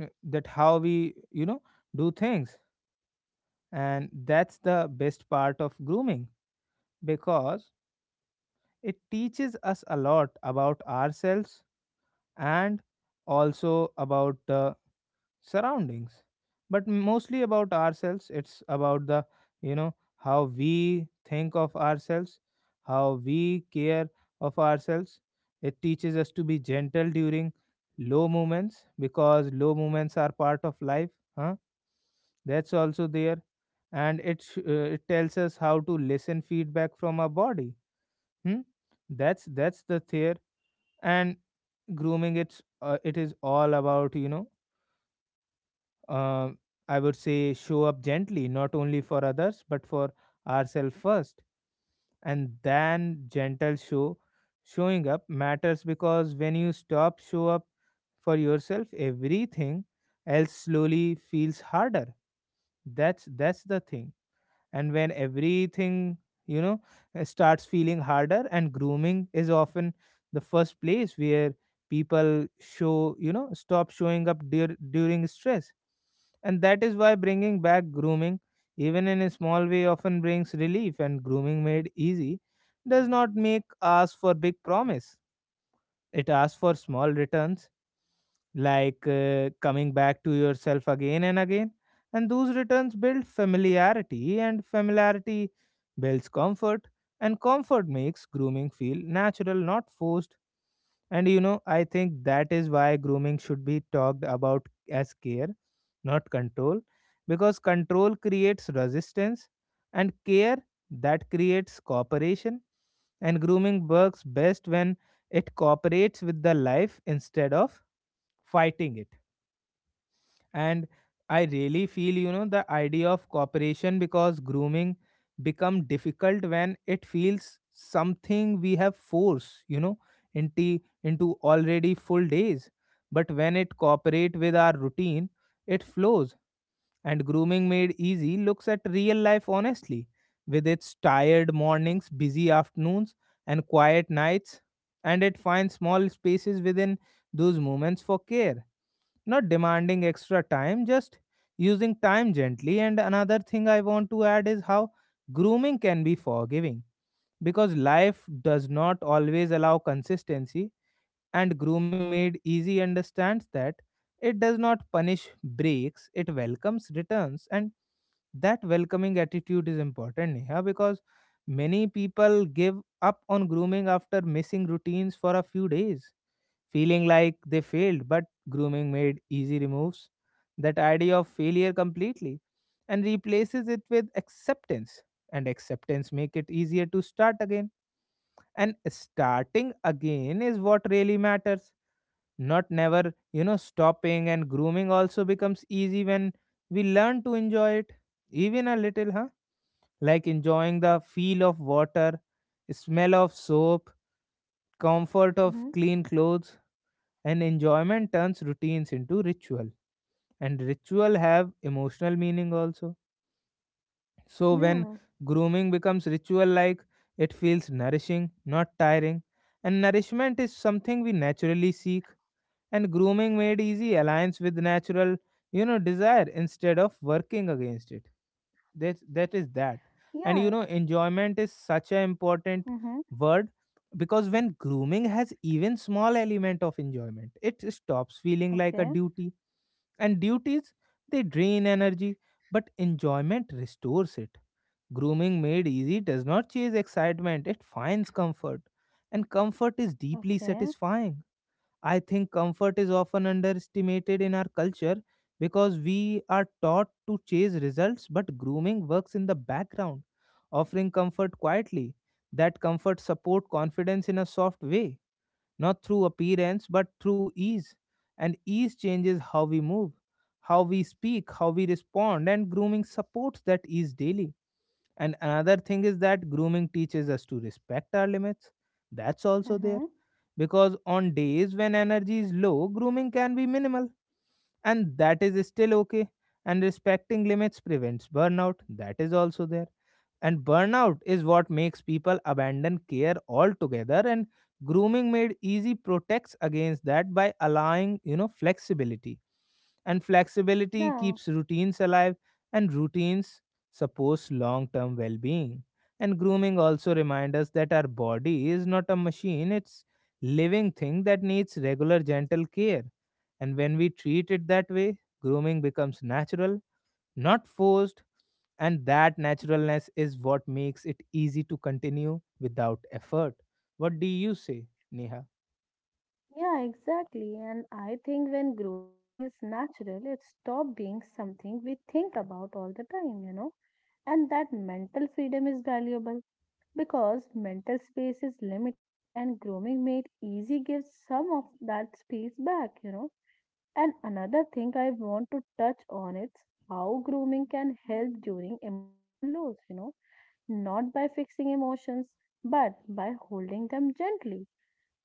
[SPEAKER 1] that how we, do things. And that's the best part of grooming, because it teaches us a lot about ourselves and also about the surroundings, but mostly about ourselves. It's about the, how we think of ourselves, how we care of ourselves. It teaches us to be gentle during low moments, because low moments are part of life. Huh, that's also there. And it tells us how to listen feedback from our body. Hmm? That's the theory. And grooming, it is all about, uh, I would say, show up gently, not only for others but for ourselves first, and then gentle showing up matters, because when you stop show up for yourself, everything else slowly feels harder. That's the thing. And when everything, you know starts feeling harder, and grooming is often the first place where people show you know stop showing up during stress. And that is why bringing back grooming even in a small way often brings relief. And grooming made easy does not make ask for big promise, it asks for small returns, like coming back to yourself again and again. And those returns build familiarity, and familiarity builds comfort, and comfort makes grooming feel natural, not forced. And you know, I think that is why grooming should be talked about as care, not control, because control creates resistance, and care that creates cooperation. And grooming works best when it cooperates with the life instead of fighting it. And I really feel, the idea of cooperation, because grooming become difficult when it feels something we have force, into already full days, but when it cooperate with our routine, it flows. And grooming made easy looks at real life honestly, with its tired mornings, busy afternoons, and quiet nights. And it finds small spaces within those moments for care, not demanding extra time, just using time gently. And another thing I want to add is how grooming can be forgiving, because life does not always allow consistency, and grooming made easy understands that. It does not punish breaks, it welcomes returns. And that welcoming attitude is important, Neha, because many people give up on grooming after missing routines for a few days, feeling like they failed, but grooming made easy removes that idea of failure completely and replaces it with acceptance. And acceptance make it easier to start again. And starting again is what really matters. Not never, you know, stopping. And grooming also becomes easy when we learn to enjoy it. Even a little, huh? Like enjoying the feel of water, smell of soap, comfort of
[SPEAKER 2] Mm-hmm.
[SPEAKER 1] clean clothes. And enjoyment turns routines into ritual, and ritual have emotional meaning also. So when
[SPEAKER 2] Yeah,
[SPEAKER 1] grooming becomes ritual, like, it feels nourishing not tiring, and nourishment is something we naturally seek. And grooming made easy aligns with natural, desire, instead of working against it. That is that. And you
[SPEAKER 2] yeah.
[SPEAKER 1] know, enjoyment is such an important
[SPEAKER 2] Mm-hmm.
[SPEAKER 1] word, because when grooming has even small element of enjoyment, it stops feeling like a
[SPEAKER 2] Okay.
[SPEAKER 1] duty. And duties, they drain energy, but enjoyment restores it. Grooming made easy does not chase excitement, it finds comfort, and comfort is deeply
[SPEAKER 2] Okay.
[SPEAKER 1] satisfying. I think comfort is often underestimated in our culture, because we are taught to chase results, but grooming works in the background, offering comfort quietly. That comfort support confidence in a soft way, not through appearance but through ease. And ease changes how we move, how we speak, how we respond, and grooming supports that ease daily. And another thing is that grooming teaches us to respect our limits. That's also
[SPEAKER 2] Mm-hmm.
[SPEAKER 1] there. Because on days when energy is low, grooming can be minimal. And that is still okay. And respecting limits prevents burnout. That is also there. And burnout is what makes people abandon care altogether. And grooming made easy protects against that by allowing, you know, flexibility. And flexibility
[SPEAKER 2] Yeah.
[SPEAKER 1] keeps routines alive, and routines suppose long term well being. And grooming also reminds us that our body is not a machine, it's living thing that needs regular gentle care. And when we treat it that way, grooming becomes natural not forced, and that naturalness is what makes it easy to continue without effort. What do you say, Neha?
[SPEAKER 2] Yeah, exactly. And I think when grooming feels natural, it stops being something we think about all the time, you know. And that mental freedom is valuable because mental space is limited and grooming made easy gives some of that space back, you know. And another thing I want to touch on is how grooming can help during emotional lows, you know, not by fixing emotions, but by holding them gently.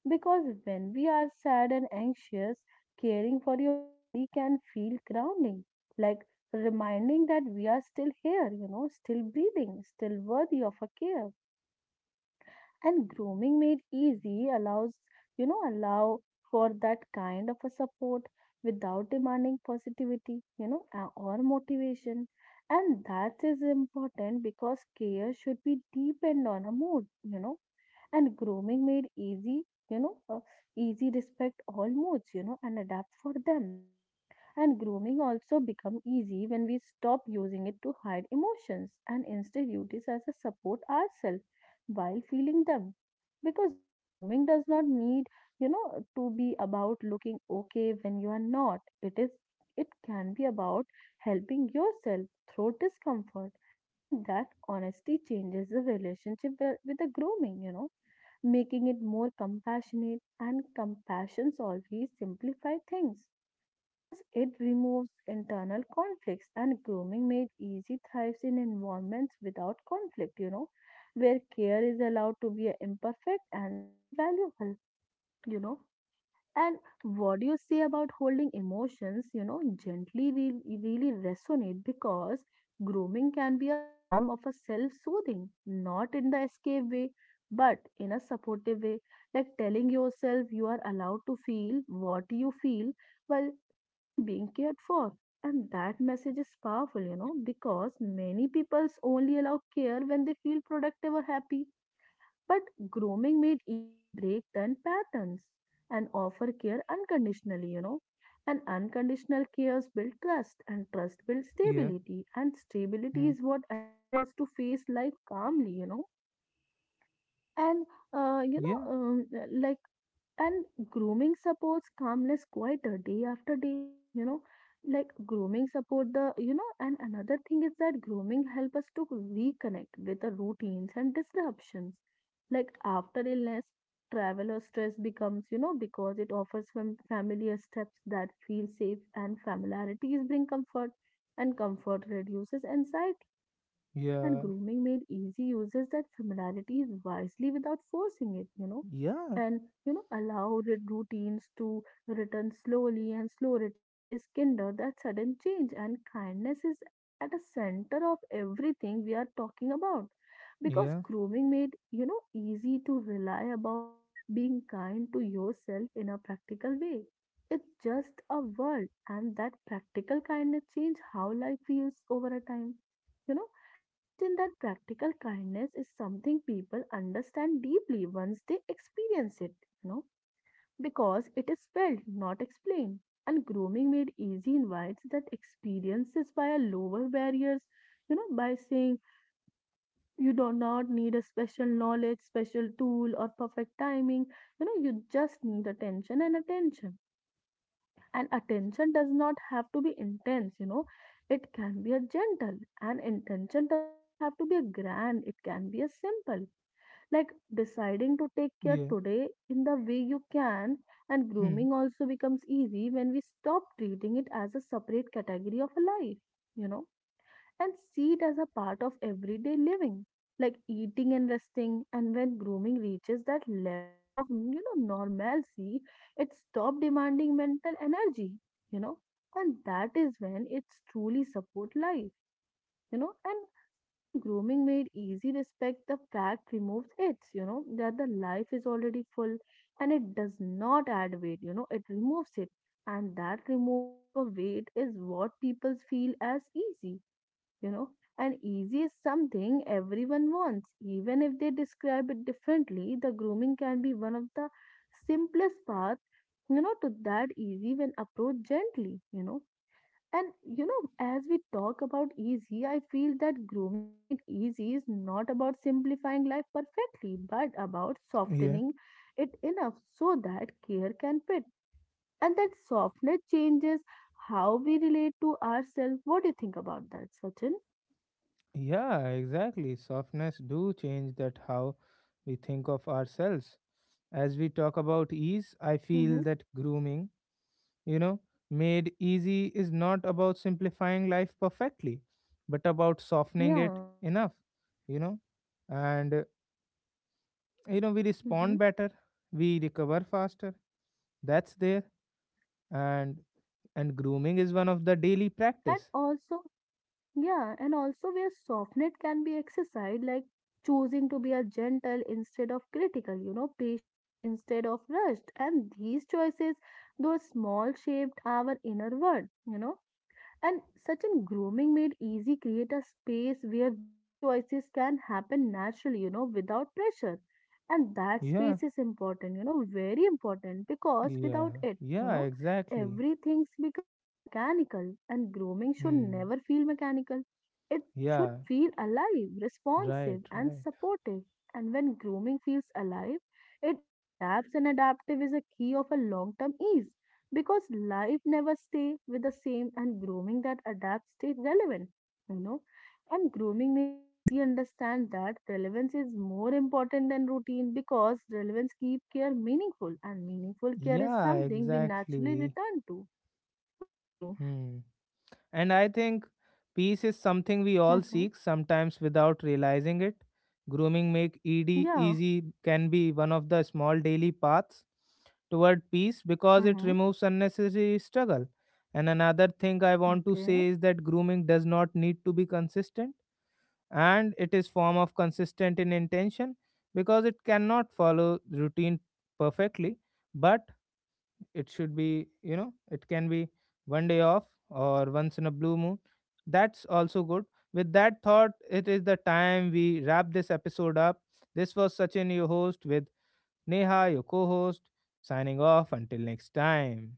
[SPEAKER 2] Because when we are sad and anxious, caring for your body can feel grounding, like reminding that we are still here, you know, still breathing, still worthy of a care. And grooming made easy allows you know allow for that kind of a support without demanding positivity, or motivation. And that is important because care should be deepened on a mood, you know. And grooming made easy you know uh, easy respect all moods, you know, and adapt for them. And grooming also become easy when we stop using it to hide emotions and instead use it as a support ourselves while feeling them. Because grooming does not need, you know, to be about looking okay when you are not. It is it can be about helping yourself through discomfort. And that honesty changes the relationship with the grooming, you know, making it more compassionate, and compassion always simplify things because it removes internal conflicts. And grooming made easy thrives in environments without conflict, you know, where care is allowed to be imperfect and still valuable, you know. And what do you say about holding emotions, you know, really resonate because grooming can be a form of a self-soothing, not in the escape way, but in a supportive way, like telling yourself you are allowed to feel what you feel while still being cared for. And that message is powerful, you know, because many people's only allow care when they feel productive or happy, but grooming made easy break then patterns and offer care unconditionally, you know. And unconditional cares build trust, and trust builds
[SPEAKER 1] Yeah.
[SPEAKER 2] stability, and stability
[SPEAKER 1] Hmm.
[SPEAKER 2] is what allow us to face life calmly, you know. And uh, you
[SPEAKER 1] Yeah.
[SPEAKER 2] know, um, like and grooming supports calmness quieter day after day, you know, like grooming support the, and another thing is that grooming help us to reconnect with the routines and disruptions. Like after illness, travel or stress becomes, you know, because it offers familiar steps that feel safe, and familiarities bring comfort and comfort reduces anxiety. And
[SPEAKER 1] Yeah.
[SPEAKER 2] grooming made easy uses that familiarities wisely without forcing it, you know,
[SPEAKER 1] Yeah,
[SPEAKER 2] and you know, allow routines to return slowly, and slow returns is kinder that sudden change, and kindness is at the center of everything we are talking about, because
[SPEAKER 1] yeah.
[SPEAKER 2] grooming made easy to rely upon being kind to yourself in a practical way, it's just a world, and that practical kindness change how life feels over a time, you know. And certain that practical kindness is something people understand deeply once they experience it, you know, because it is felt, not explained. And grooming made easy invites that experiences via lower barriers, you know, by saying you do not need a special knowledge, special tool, or perfect timing. You know, you just need attention, and attention does not have to be intense, you know, it can be a gentle, and intention does not have to be a grand, it can be a simple. Like deciding to take care
[SPEAKER 1] Yeah.
[SPEAKER 2] today in the way you can, and
[SPEAKER 1] Hmm.
[SPEAKER 2] grooming also becomes easy when we stop treating it as a separate category of a life, you know, and see it as a part of everyday living, like eating and resting. And when grooming reaches that level of you know normalcy, it stops demanding mental energy, you know, and that is when it's truly support life, you know. And such in grooming made easy respect the fact removes it, you know, that the life is already full, and it does not add weight, you know, it removes it. And that removal of a weight is what people feel as easy, you know. And easy is something everyone wants, even if they describe it differently, the grooming can be one of the simplest path, you know, to that easy when approached gently, you know. And you know, as we talk about easy, I feel that grooming made easy is not about simplifying life perfectly but about
[SPEAKER 1] Yeah.
[SPEAKER 2] softening it enough so that care can fit, and that softness changes how we relate to ourselves. What do you think about that, Sachin?
[SPEAKER 1] Yeah, exactly. Softness do change that how we think of ourselves. As we talk about ease, I feel
[SPEAKER 2] Mm-hmm.
[SPEAKER 1] that grooming You know, made easy is not about simplifying life perfectly, but about softening it
[SPEAKER 2] Yeah.
[SPEAKER 1] enough, you know. And, you know, we
[SPEAKER 2] Hmm.
[SPEAKER 1] respond better, we recover faster. That's there. And, grooming is one of the daily
[SPEAKER 2] And
[SPEAKER 1] practice.
[SPEAKER 2] also, yeah, and also where softness can be exercised, like choosing to be a gentle instead of critical, you know, patience instead of rushed. And these choices, those small shaped our inner world, you know. And such an grooming made easy create a space where those choices can happen naturally, you know, without pressure. And that
[SPEAKER 1] Yeah,
[SPEAKER 2] space is important, you know, very important, because
[SPEAKER 1] yeah,
[SPEAKER 2] without it,
[SPEAKER 1] yeah, exactly.
[SPEAKER 2] everything's become mechanical and grooming should never
[SPEAKER 1] Hmm.
[SPEAKER 2] feel mechanical. It should
[SPEAKER 1] Yeah,
[SPEAKER 2] feel alive, responsive,
[SPEAKER 1] right,
[SPEAKER 2] and
[SPEAKER 1] right.
[SPEAKER 2] supportive. And when grooming feels alive, it adapts, and adaptive is a key of a long term ease, because life never stay with the same and grooming that adapts stay relevant, you know. And grooming made easy understand that relevance is more important than routine, because relevance keep care meaningful, and meaningful care is
[SPEAKER 1] Yeah,
[SPEAKER 2] something we naturally
[SPEAKER 1] exactly.
[SPEAKER 2] return to. What do you think?
[SPEAKER 1] Hmm. And I think peace is something we all
[SPEAKER 2] Hmm.
[SPEAKER 1] seek, sometimes without realizing it. Grooming make ED
[SPEAKER 2] Yeah.
[SPEAKER 1] easy can be one of the small daily paths toward peace, because it
[SPEAKER 2] Hmm.
[SPEAKER 1] removes unnecessary struggle. And another thing I want to say
[SPEAKER 2] Okay.
[SPEAKER 1] is that grooming does not need to be consistent, and it is form of consistent in intention, because it cannot follow routine perfectly. But it should be you know it can be one day off, or once in a blue moon. That's also good. With that thought, it is the time we wrap this episode up. This was Sachin, your host, with Neha, your co-host, signing off until next time.